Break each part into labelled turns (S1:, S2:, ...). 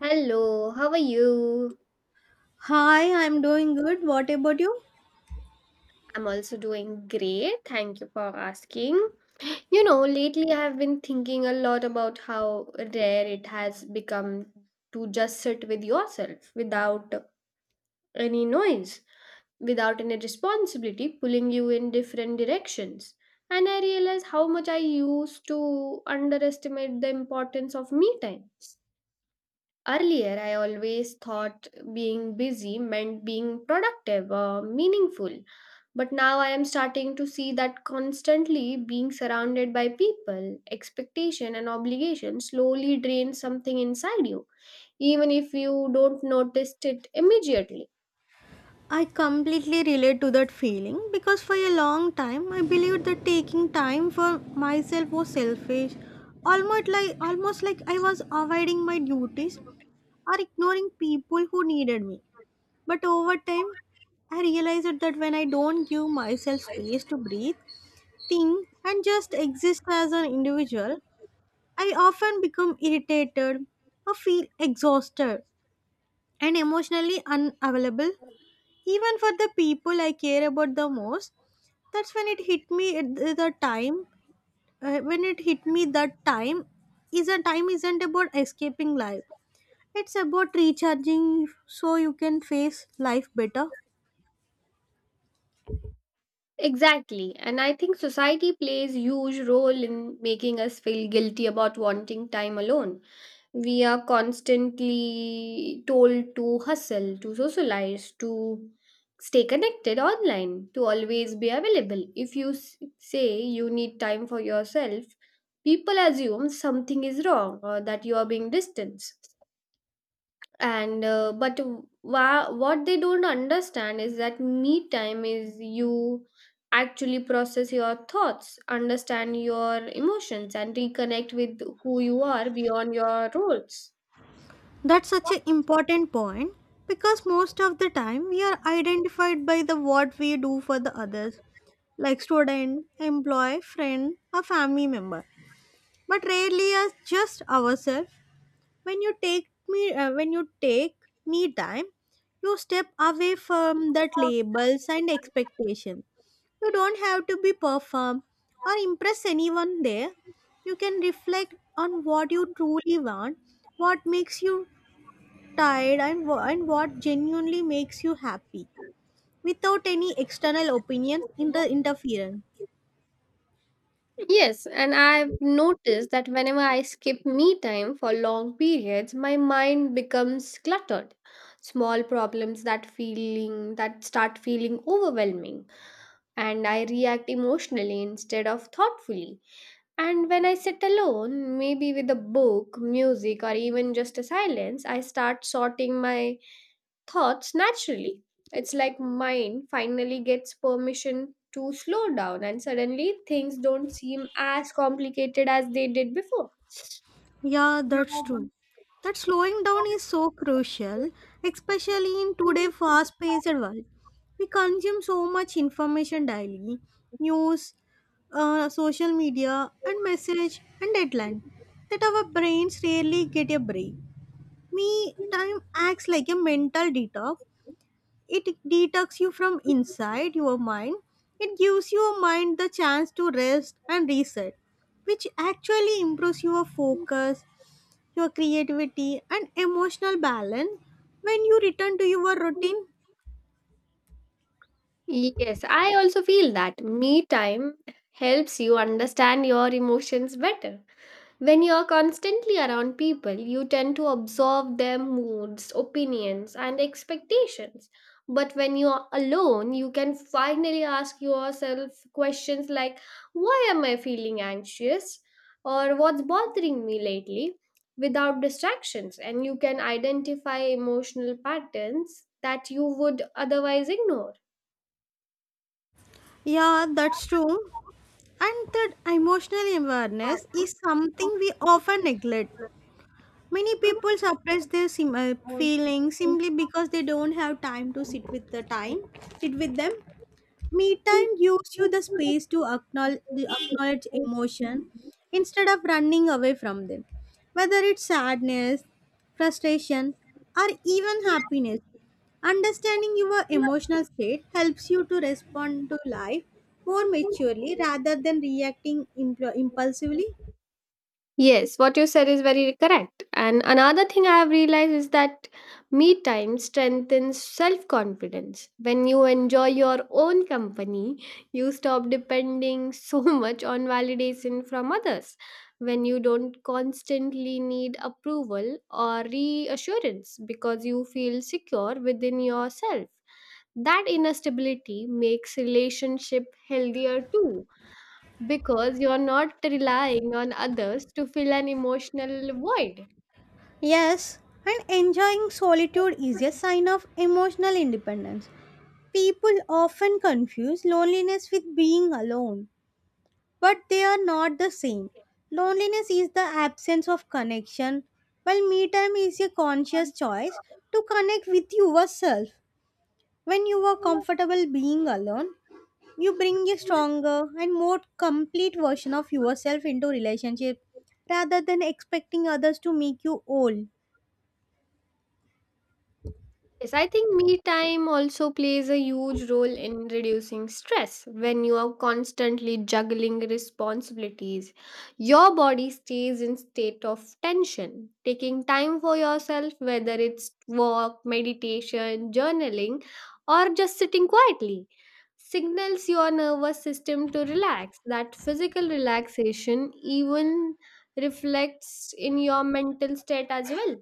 S1: Hello, how are you?
S2: Hi, I'm doing good. What about you?
S1: I'm also doing great. Thank you for asking. You know, lately I have been thinking a lot about how rare it has become to just sit with yourself without any noise, without any responsibility pulling you in different directions. And I realize how much I used to underestimate the importance of me time. Earlier, I always thought being busy meant being productive or meaningful, but now I am starting to see that constantly being surrounded by people, expectation, and obligation slowly drains something inside you, even if you don't notice it immediately.
S2: I completely relate to that feeling because for a long time I believed that taking time for myself was selfish. Almost like I was avoiding my duties or ignoring people who needed me. But over time, I realized that when I don't give myself space to breathe, think, and just exist as an individual, I often become irritated or feel exhausted and emotionally unavailable even for the people I care about the most. That's when it hit me at the time. When it hit me that time is a time isn't about escaping life, it's about recharging so you can face life better.
S1: Exactly. And I think society plays huge role in making us feel guilty about wanting time alone. We are constantly told to hustle, to socialize, to stay connected online, to always be available. If you say you need time for yourself, people assume something is wrong or that you are being distant and but what they don't understand is that me time is you actually process your thoughts, understand your emotions, and reconnect with who you are beyond your roles.
S2: That's such an important point because most of the time we are identified by the what we do for the others, like student, employee, friend, a family member, but rarely as just ourselves. When you take me time, you step away from that labels and expectation. You don't have to be perform or impress anyone there. You can reflect on what you truly want, what makes you tired and what genuinely makes you happy without any external opinions in the interference.
S1: Yes, and I've noticed that whenever I skip me time for long periods, my mind becomes cluttered, small problems that feeling that start feeling overwhelming, and I react emotionally instead of thoughtfully. And when I sit alone, maybe with a book, music, or even just a silence, I start sorting my thoughts naturally. It's like mind finally gets permission to slow down, and suddenly things don't seem as complicated as they did before.
S2: Yeah, that's true. That slowing down is so crucial, especially in today's fast paced world. We consume so much information daily: news, social media, and message and deadline, that our brains rarely get a break. Me time acts like a mental detox. It detox you from inside your mind. It gives your mind the chance to rest and reset, which actually improves your focus, your creativity and emotional balance when you return to your routine.
S1: Yes, I also feel that me time helps you understand your emotions better. When you're constantly around people, you tend to absorb their moods, opinions, and expectations. But when you're alone, you can finally ask yourself questions like, why am I feeling anxious? Or what's bothering me lately? Without distractions, and you can identify emotional patterns that you would otherwise ignore.
S2: Yeah, that's true. And that emotional awareness is something we often neglect. Many people suppress their feelings simply because they don't have time to sit with sit with them. Me time gives you the space to acknowledge emotion instead of running away from them. Whether it's sadness, frustration, or even happiness, understanding your emotional state helps you to respond to life more maturely rather than reacting impulsively.
S1: Yes, what you said is very correct. And another thing I have realized is that me time strengthens self confidence. When you enjoy your own company, you stop depending so much on validation from others. When you don't constantly need approval or reassurance because you feel secure within yourself, that inner stability makes relationship healthier too because you're not relying on others to fill an emotional void.
S2: Yes, and enjoying solitude is a sign of emotional independence. People often confuse loneliness with being alone. But they are not the same. Loneliness is the absence of connection, while me time is a conscious choice to connect with yourself. When you are comfortable being alone, you bring a stronger and more complete version of yourself into relationship rather than expecting others to make you whole.
S1: Yes, I think me time also plays a huge role in reducing stress. When you are constantly juggling responsibilities, your body stays in state of tension. Taking time for yourself, whether it's walk, meditation, journaling, or just sitting quietly, signals your nervous system to relax. That physical relaxation even reflects in your mental state as well.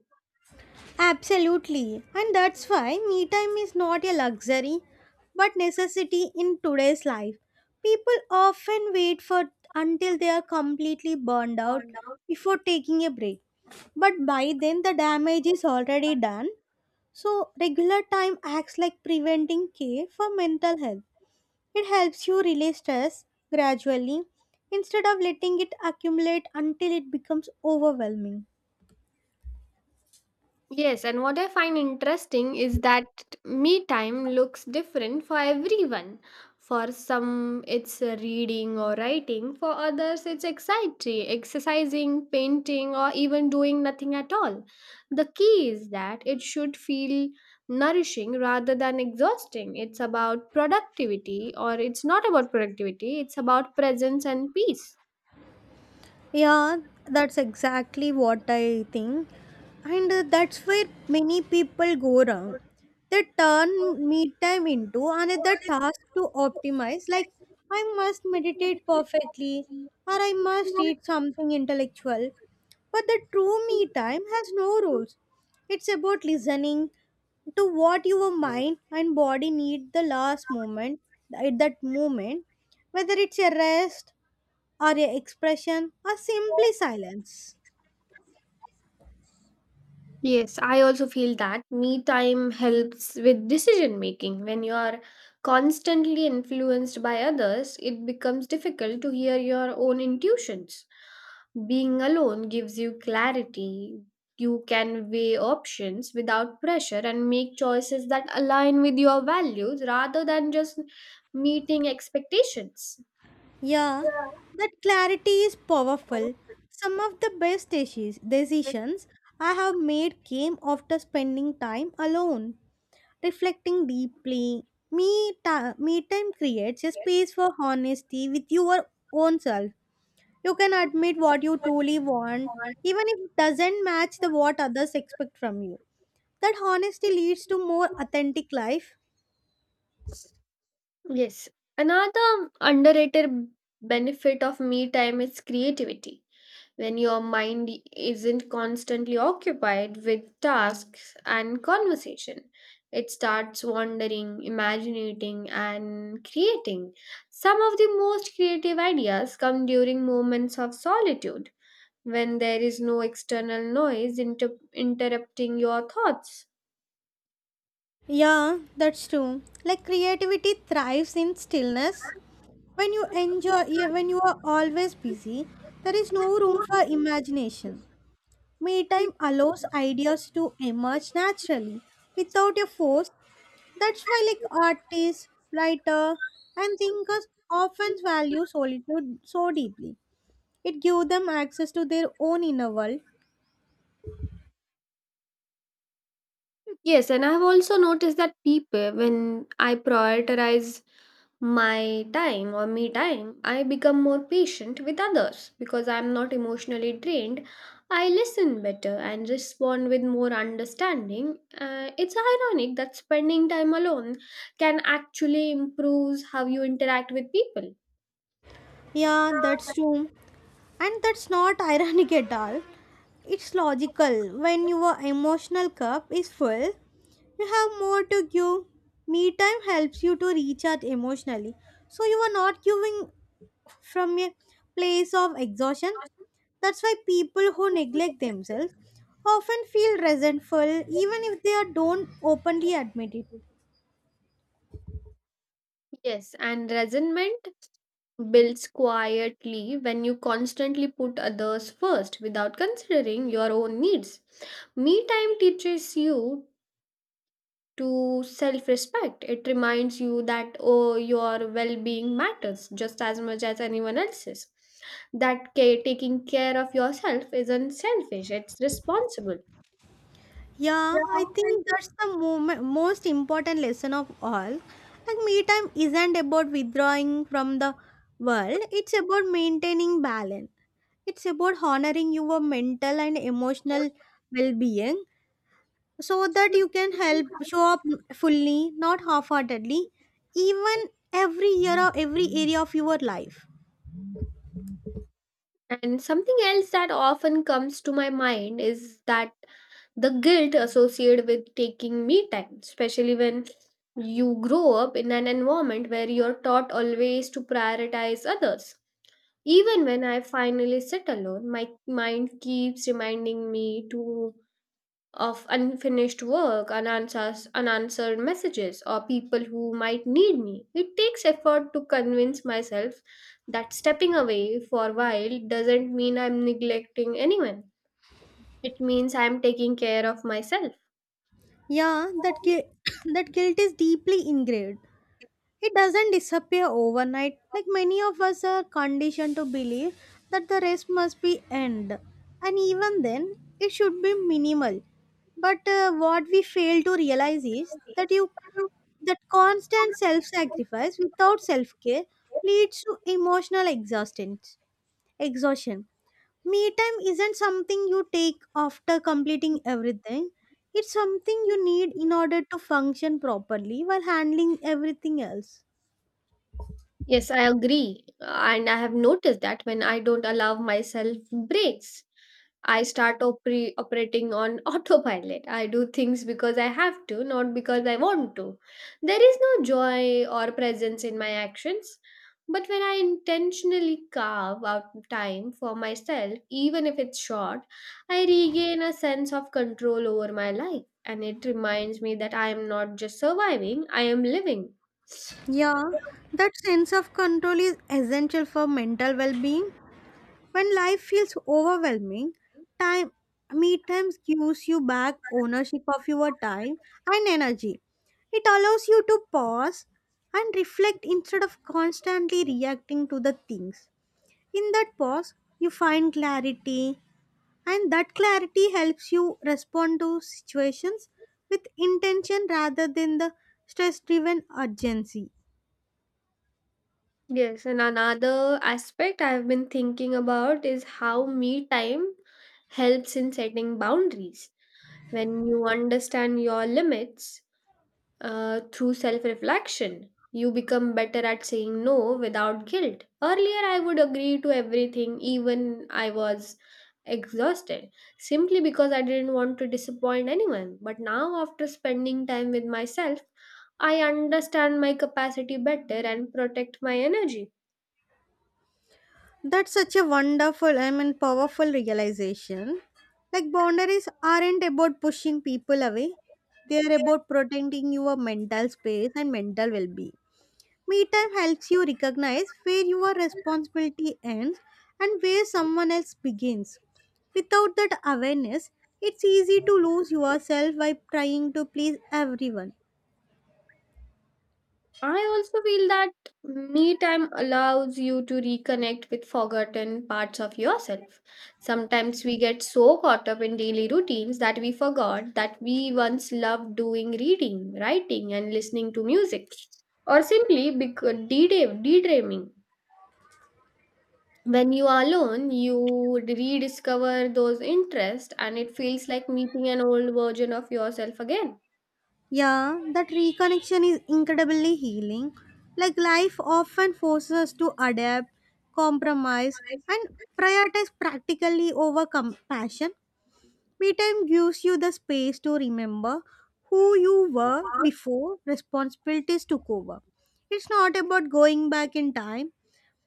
S2: Absolutely. And that's why me time is not a luxury but necessity in today's life. People often wait for until they are completely burned out before taking a break. But by then the damage is already done. So regular time acts like preventing care for mental health. It helps you release stress gradually instead of letting it accumulate until it becomes overwhelming.
S1: Yes, and what I find interesting is that me time looks different for everyone. For some, it's reading or writing. For others, it's exciting, exercising, painting, or even doing nothing at all. The key is that it should feel nourishing rather than exhausting. It's not about productivity, it's about presence and peace.
S2: Yeah, that's exactly what I think. And that's where many people go wrong. They turn me time into another task to optimize, like I must meditate perfectly or I must read something intellectual. But the true me time has no rules. It's about listening to what your mind and body need at that moment, whether it's a rest or a expression or simply silence.
S1: Yes, I also feel that me time helps with decision making. When you are constantly influenced by others, it becomes difficult to hear your own intuitions. Being alone gives you clarity. You can weigh options without pressure and make choices that align with your values rather than just meeting expectations.
S2: Yeah, that clarity is powerful. Some of the best decisions I have made came after spending time alone, reflecting deeply. Me time creates a space for honesty with your own self. You can admit what you truly want, even if it doesn't match the what others expect from you. That honesty leads to more authentic life.
S1: Yes, another underrated benefit of me time is creativity when your mind isn't constantly occupied with tasks and conversation. It starts wandering, imagining, and creating. Some of the most creative ideas come during moments of solitude, when there is no external noise interrupting your thoughts.
S2: Yeah, that's true. Like creativity thrives in stillness. When you are always busy, there is no room for imagination. Me time allows ideas to emerge naturally without a force. That's why, like artists, writer, and thinkers often value solitude so deeply. It gives them access to their own inner world.
S1: Yes, and I've also noticed that people, when I prioritize my time or me time, I become more patient with others because I'm not emotionally drained. I listen better and respond with more understanding. It's ironic that spending time alone can actually improve how you interact with people.
S2: Yeah, that's true, and that's not ironic at all. It's logical. When your emotional cup is full, you have more to give. Me time helps you to recharge emotionally. So you are not giving from a place of exhaustion. That's why people who neglect themselves often feel resentful even if they don't openly admit it.
S1: Yes, and resentment builds quietly when you constantly put others first without considering your own needs. Me time teaches you to self respect. It reminds you that oh, your well being matters just as much as anyone else's. That care, taking care of yourself isn't selfish, it's responsible.
S2: Yeah, I think that's most important lesson of all. Like, me time isn't about withdrawing from the world, it's about maintaining balance. It's about honoring your mental and emotional well being so that you can help show up fully, not half heartedly, even every year or every area of your life.
S1: And something else that often comes to my mind is that the guilt associated with taking me time, especially when you grow up in an environment where you're taught always to prioritize others. Even when I finally sit alone, my mind keeps reminding me to of unfinished work, unanswers, unanswered messages, or people who might need me. It takes effort to convince myself that stepping away for a while doesn't mean I'm neglecting anyone. It means I'm taking care of myself.
S2: Yeah, that guilt is deeply ingrained. It doesn't disappear overnight, like many of us are conditioned to believe that the rest must be end. And even then, it should be minimal. But what we fail to realize is that constant self-sacrifice without self-care leads to emotional exhaustion. Exhaustion. Me time isn't something you take after completing everything. It's something you need in order to function properly while handling everything else.
S1: Yes, I agree. And I have noticed that when I don't allow myself breaks, I start operating on autopilot. I do things because I have to, not because I want to. There is no joy or presence in my actions. But when I intentionally carve out time for myself, even if it's short, I regain a sense of control over my life. And it reminds me that I am not just surviving, I am living.
S2: Yeah, that sense of control is essential for mental well being. When life feels overwhelming, time me times gives you back ownership of your time and energy. It allows you to pause and reflect instead of constantly reacting to the things. In that pause, you find clarity, and that clarity helps you respond to situations with intention rather than the stress driven urgency.
S1: Yes, and another aspect I've been thinking about is how me time helps in setting boundaries. When you understand your limits through self reflection, you become better at saying no without guilt. Earlier, I would agree to everything, even I was exhausted, simply because I didn't want to disappoint anyone. But now, after spending time with myself, I understand my capacity better and protect my energy.
S2: That's such a wonderful I mean powerful realization. Like boundaries aren't about pushing people away. They are about protecting your mental space and mental well-being. Me time helps you recognize where your responsibility ends and where someone else begins. Without that awareness, it's easy to lose yourself by trying to please everyone.
S1: I also feel that me time allows you to reconnect with forgotten parts of yourself. Sometimes we get so caught up in daily routines that we forgot that we once loved doing reading, writing, and listening to music, or simply de- daydreaming. When you are alone, you rediscover those interests, and it feels like meeting an old version of yourself again.
S2: Yeah, that reconnection is incredibly healing. Like life often forces us to adapt, compromise, and prioritize practically over compassion. Me time gives you the space to remember who you were before responsibilities took over. It's not about going back in time,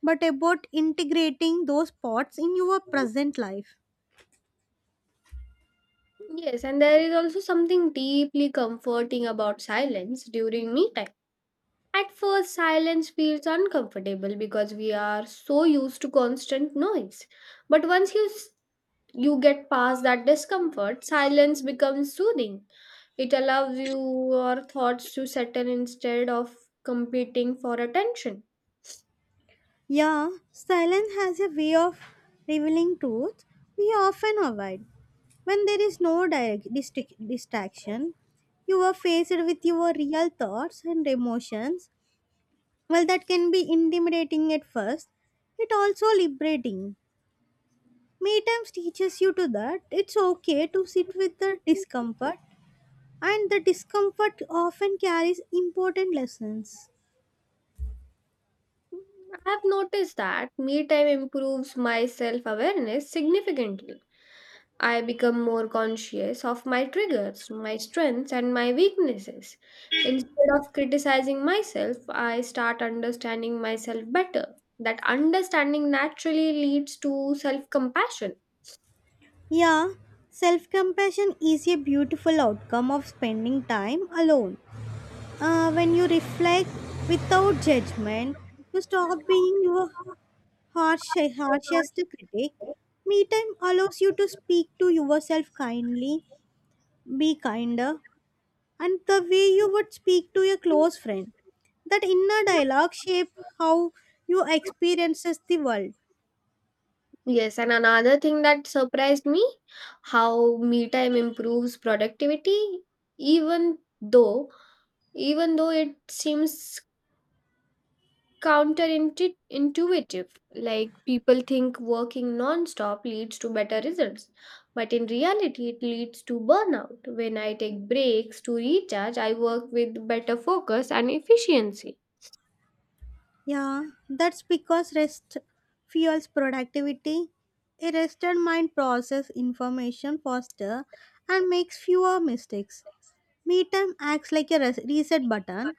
S2: but about integrating those parts in your present life.
S1: Yes, and there is also something deeply comforting about silence during me time. At first, silence feels uncomfortable because we are so used to constant noise. But once you get past that discomfort, silence becomes soothing. It allows you your thoughts to settle instead of competing for attention.
S2: Yeah, silence has a way of revealing truth we often avoid. When there is no direct distraction, you are faced with your real thoughts and emotions. While that can be intimidating at first, it also liberating. Me times teaches you to that it's okay to sit with the discomfort, and the discomfort often carries important lessons.
S1: I have noticed that me time improves my self awareness significantly. I become more conscious of my triggers, my strengths, and my weaknesses. Instead of criticizing myself, I start understanding myself better. That understanding naturally leads to self compassion.
S2: Yeah, self compassion is a beautiful outcome of spending time alone. When you reflect without judgment, you stop being your harshest critic. Me time allows you to speak to yourself kindly, be kinder, and the way you would speak to a close friend. That inner dialogue shapes how you experiences the world.
S1: Yes, and another thing that surprised me how me time improves productivity, even though even though it seems counterintuitive. Like, people think working non-stop leads to better results, but in reality it leads to burnout. When I take breaks to recharge, I work with better focus and efficiency.
S2: Yeah, that's because rest fuels productivity. A rested mind processes information faster and makes fewer mistakes. Me time acts like a reset button.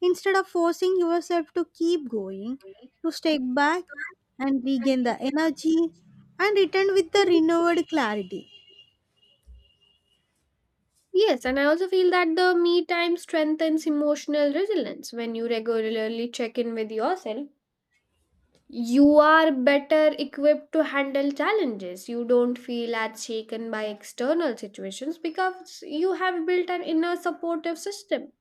S2: Instead of forcing yourself to keep going, you step back and regain the energy and return with the renewed clarity.
S1: Yes, and I also feel that the me time strengthens emotional resilience when you regularly check in with yourself. You are better equipped to handle challenges. You don't feel as shaken by external situations because you have built an inner supportive system.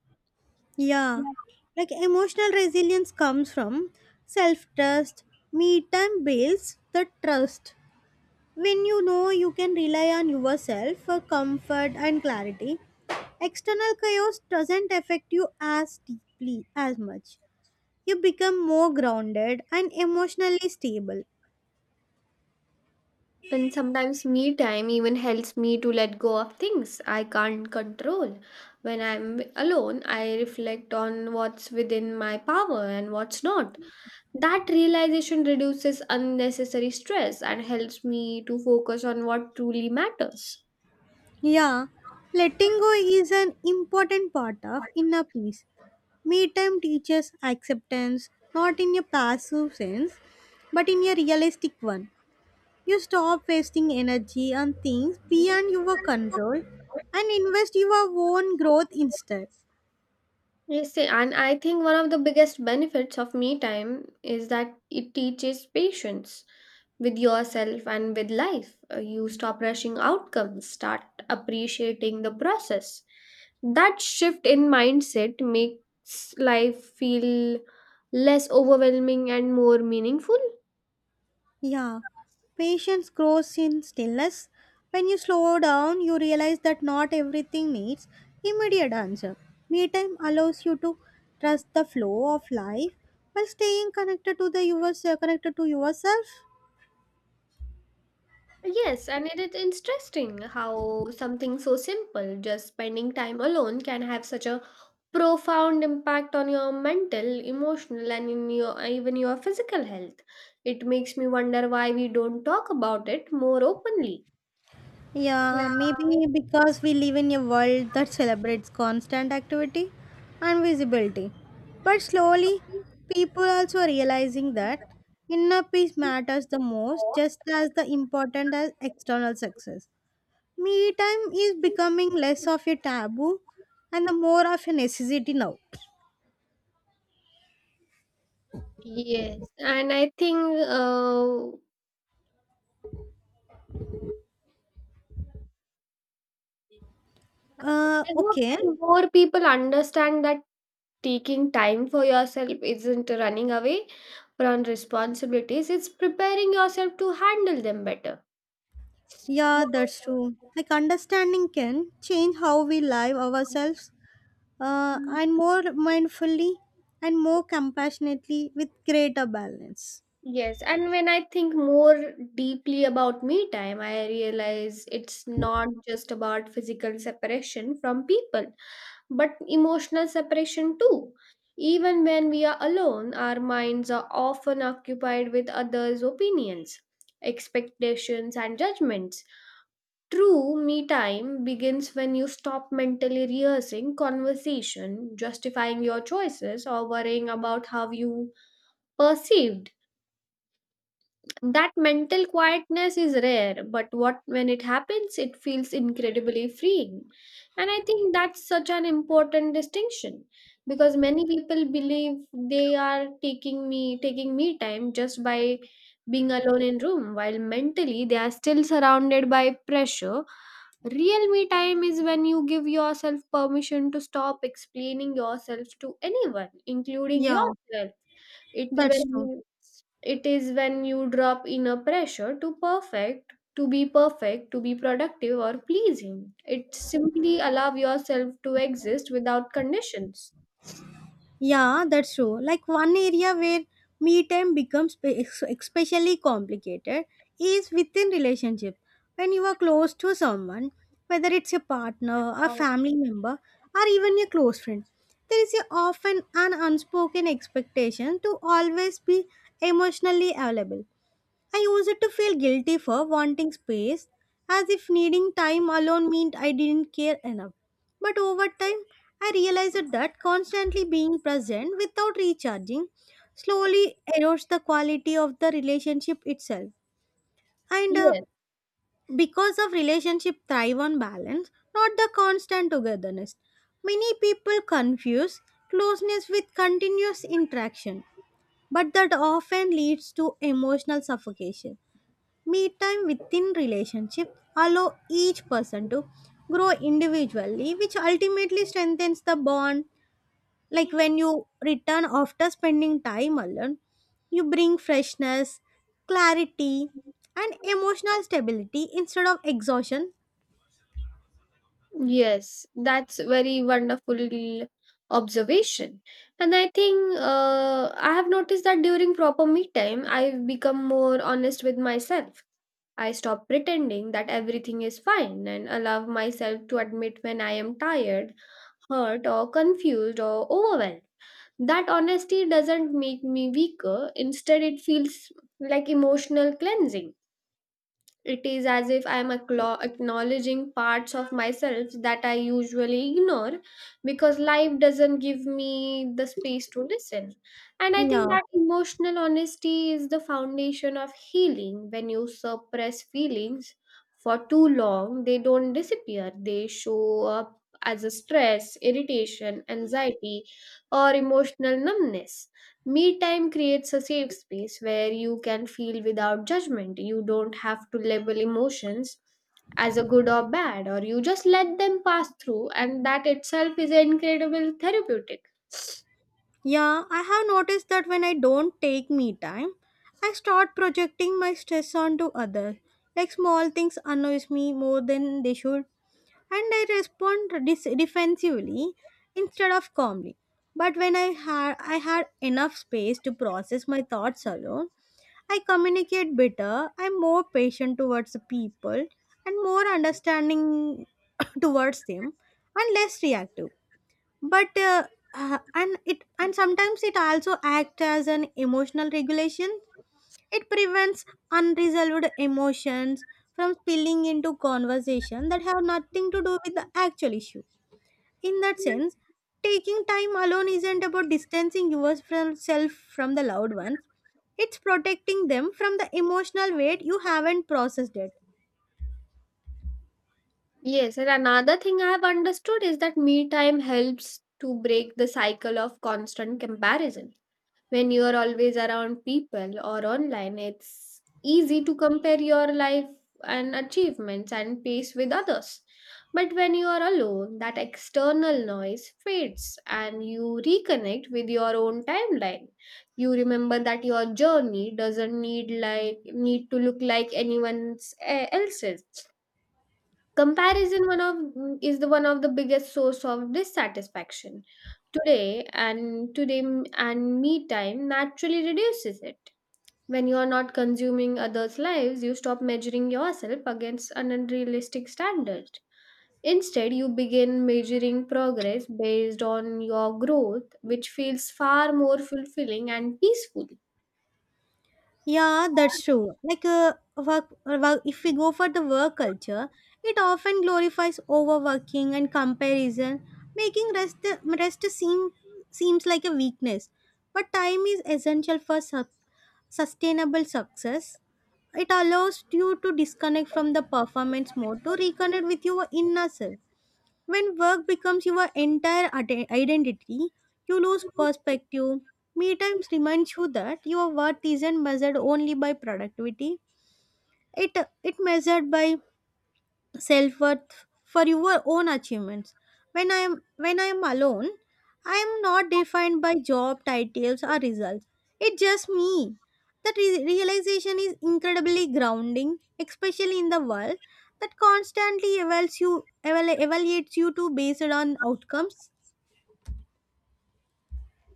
S2: Yeah,
S1: Yeah.
S2: like emotional resilience comes from self trust. Me time builds the trust. When you know you can rely on yourself for comfort and clarity, external chaos doesn't affect you as deeply as much. You become more grounded and emotionally stable.
S1: And sometimes me time even helps me to let go of things I can't control. When I'm alone, I reflect on what's within my power and what's not. That realization reduces unnecessary stress and helps me to focus on what truly matters.
S2: Yeah, letting go is an important part of inner peace. Me time teaches acceptance, not in a passive sense, but in a realistic one. You stop wasting energy on things beyond your control and invest your own growth instead.
S1: Yes, see, and I think one of the biggest benefits of me time is that it teaches patience with yourself and with life. You stop rushing outcomes, start appreciating the process. That shift in mindset makes life feel less overwhelming and more meaningful.
S2: Yeah, patience grows in stillness. When you slow down, you realize that not everything needs immediate answer. Me time allows you to trust the flow of life while staying connected to connected to yourself.
S1: Yes, and it is interesting how something so simple, just spending time alone, can have such a profound impact on your mental, emotional, and in your even your physical health. It makes me wonder why we don't talk about it more openly.
S2: Yeah, maybe because we live in a world that celebrates constant activity and visibility. But slowly, people also are realizing that inner peace matters the most, just as the important as external success. Me time is becoming less of a taboo and the more of a necessity now.
S1: Yes, and I think uh,
S2: Uh,
S1: I hope
S2: okay.
S1: that more people understand that taking time for yourself isn't running away from responsibilities, it's preparing yourself to handle them better.
S2: Yeah,
S1: Yeah.
S2: that's true. Like understanding can change how we live ourselves and more mindfully and more compassionately with greater balance.
S1: Yes, and when I think more deeply about me time, I realize it's not just about physical separation from people, but emotional separation too. Even when we are alone, our minds are often occupied with others' opinions, expectations, and judgments. True me time begins when you stop mentally rehearsing conversation, justifying your choices, or worrying about how you perceived. That mental quietness is rare, but what when it happens, it feels incredibly freeing. And I think that's such an important distinction because many people believe they are taking me time just by being alone in room while mentally they are still surrounded by pressure. Real me time is when you give yourself permission to stop explaining yourself to anyone, including
S2: Yeah,
S1: yourself. it
S2: that's true.
S1: when it is when you drop inner pressure to be perfect, to be productive or pleasing. It simply allow yourself to exist without conditions.
S2: Yeah, that's true. Like one area where me time becomes especially complicated is within relationship. When you are close to someone, whether it's your partner, a family member, or even your close friend, there is a often an unspoken expectation to always be emotionally available. I used to feel guilty for wanting space, as if needing time alone meant I didn't care enough. But over time, I realized that constantly being present without recharging slowly erodes the quality of the relationship itself. And
S1: Yes.
S2: Because of relationship thrive on balance, not the constant togetherness. Many people confuse closeness with continuous interaction, but that often leads to emotional suffocation. Me time within relationship allow each person to grow individually, which ultimately strengthens the bond. Like when you return after spending time alone, you bring freshness, clarity, and emotional stability instead of exhaustion.
S1: Yes, that's very wonderful observation. And I think I have noticed that during proper me time, I've become more honest with myself. I stop pretending that everything is fine and allow myself to admit when I am tired, hurt, or confused or overwhelmed. That honesty doesn't make me weaker, instead, it feels like emotional cleansing. It is as if I am acknowledging parts of myself that I usually ignore because life doesn't give me the space to listen. And I think
S2: Yeah,
S1: that emotional honesty is the foundation of healing. When you suppress feelings for too long, they don't disappear, they show up as a stress, irritation, anxiety, or emotional numbness. Me time creates a safe space where you can feel without judgment. You don't have to label emotions as a good or bad, or you just let them pass through, and that itself is incredible therapeutic.
S2: yeah, I have noticed that when I don't take me time, I start projecting my stress onto others. Like small things annoys me more than they should and I respond defensively instead of calmly. But when I had enough space to process my thoughts alone, I communicate better. I'm more patient towards the people and more understanding towards them and less reactive but and it and sometimes it also acts as an emotional regulation. It prevents unresolved emotions from spilling into conversation that have nothing to do with the actual issue. In that sense, taking time alone isn't about distancing yourself from the loved ones, it's protecting them from the emotional weight you haven't processed yet.
S1: Yes, and another thing I have understood is that me time helps to break the cycle of constant comparison. When you are always around people or online, it's easy to compare your life and achievements and pace with others, but when you are alone, that external noise fades and you reconnect with your own timeline. You remember that your journey doesn't need like need to look like anyone's eh, else's Comparison one of is the one of the biggest source of dissatisfaction. Today and today m- and Me time naturally reduces it. When you are not consuming others' lives, you stop measuring yourself against an unrealistic standard. Instead, you begin measuring progress based on your growth, which feels far more fulfilling and peaceful.
S2: Yeah, that's true. Like work, if we go for the work culture, it often glorifies overworking and comparison, making rest seems like a weakness. But time is essential for sustainable success. It allows you to disconnect from the performance mode to reconnect with your inner self. When work becomes your entire identity, you lose perspective. Me times reminds you that your worth isn't measured only by productivity. It it measured by self worth for your own achievements. When I am alone, I am not defined by job titles or results. It's just me. That realization is incredibly grounding, especially in the world that constantly evaluates you to based on outcomes.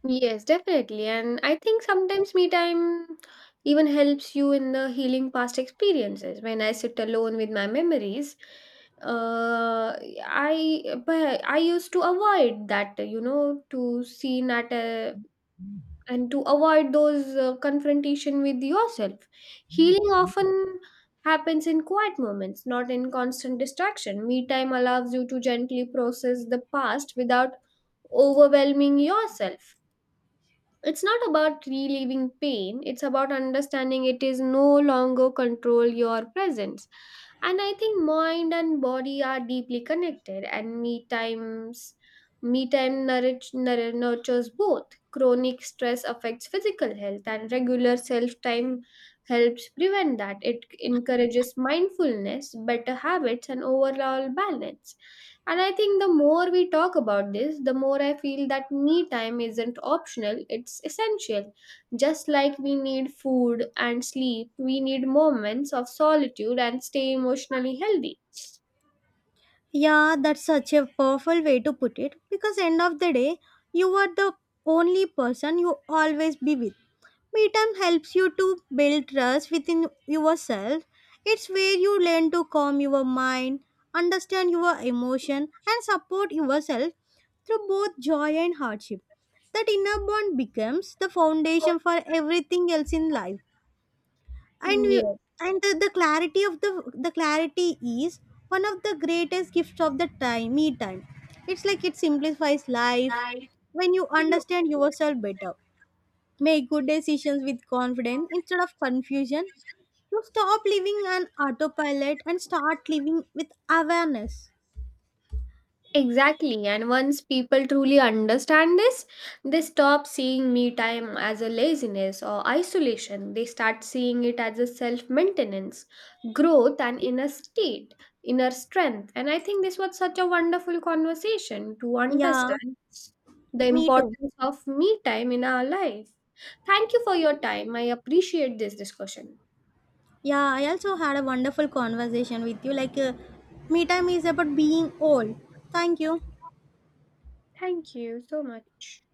S1: Yes, definitely. And I think sometimes me time even helps you in the healing past experiences. When I sit alone with my memories, uh, I but I used to avoid that, you know, to see that and to avoid those confrontation with yourself. Healing often happens in quiet moments, not in constant distraction. Me time allows you to gently process the past without overwhelming yourself. It's not about relieving pain, it's about understanding it is no longer control your presence. And I think mind and body are deeply connected and me time nurtures both. Chronic stress affects physical health and regular self time helps prevent that. It encourages mindfulness, better habits and overall balance. And I think the more we talk about this, the more I feel that me time isn't optional, it's essential. Just like we need food and sleep, we need moments of solitude and stay emotionally healthy.
S2: Yeah, that's such a powerful way to put it because end of the day, you are the only person you always be with. Me time helps you to build trust within yourself. It's where you learn to calm your mind, understand your emotion, and support yourself through both joy and hardship. That inner bond becomes the foundation for everything else in life. And you,
S1: Yeah.
S2: and the clarity of the clarity is one of the greatest gifts of the time me time. It's like it simplifies life when you understand yourself better. Make good decisions with confidence instead of confusion. You stop living on autopilot and start living with awareness.
S1: Exactly. And once people truly understand this, they stop seeing me time as a laziness or isolation. They start seeing it as a self maintenance, growth, and inner state, inner strength. And I think this was such a wonderful conversation to
S2: Yeah,
S1: understand the
S2: me too.
S1: importance of me time in our life. Thank you for your time. I appreciate this discussion.
S2: Yeah, I also had a wonderful conversation with you. Me time is about being old. Thank you.
S1: Thank you so much.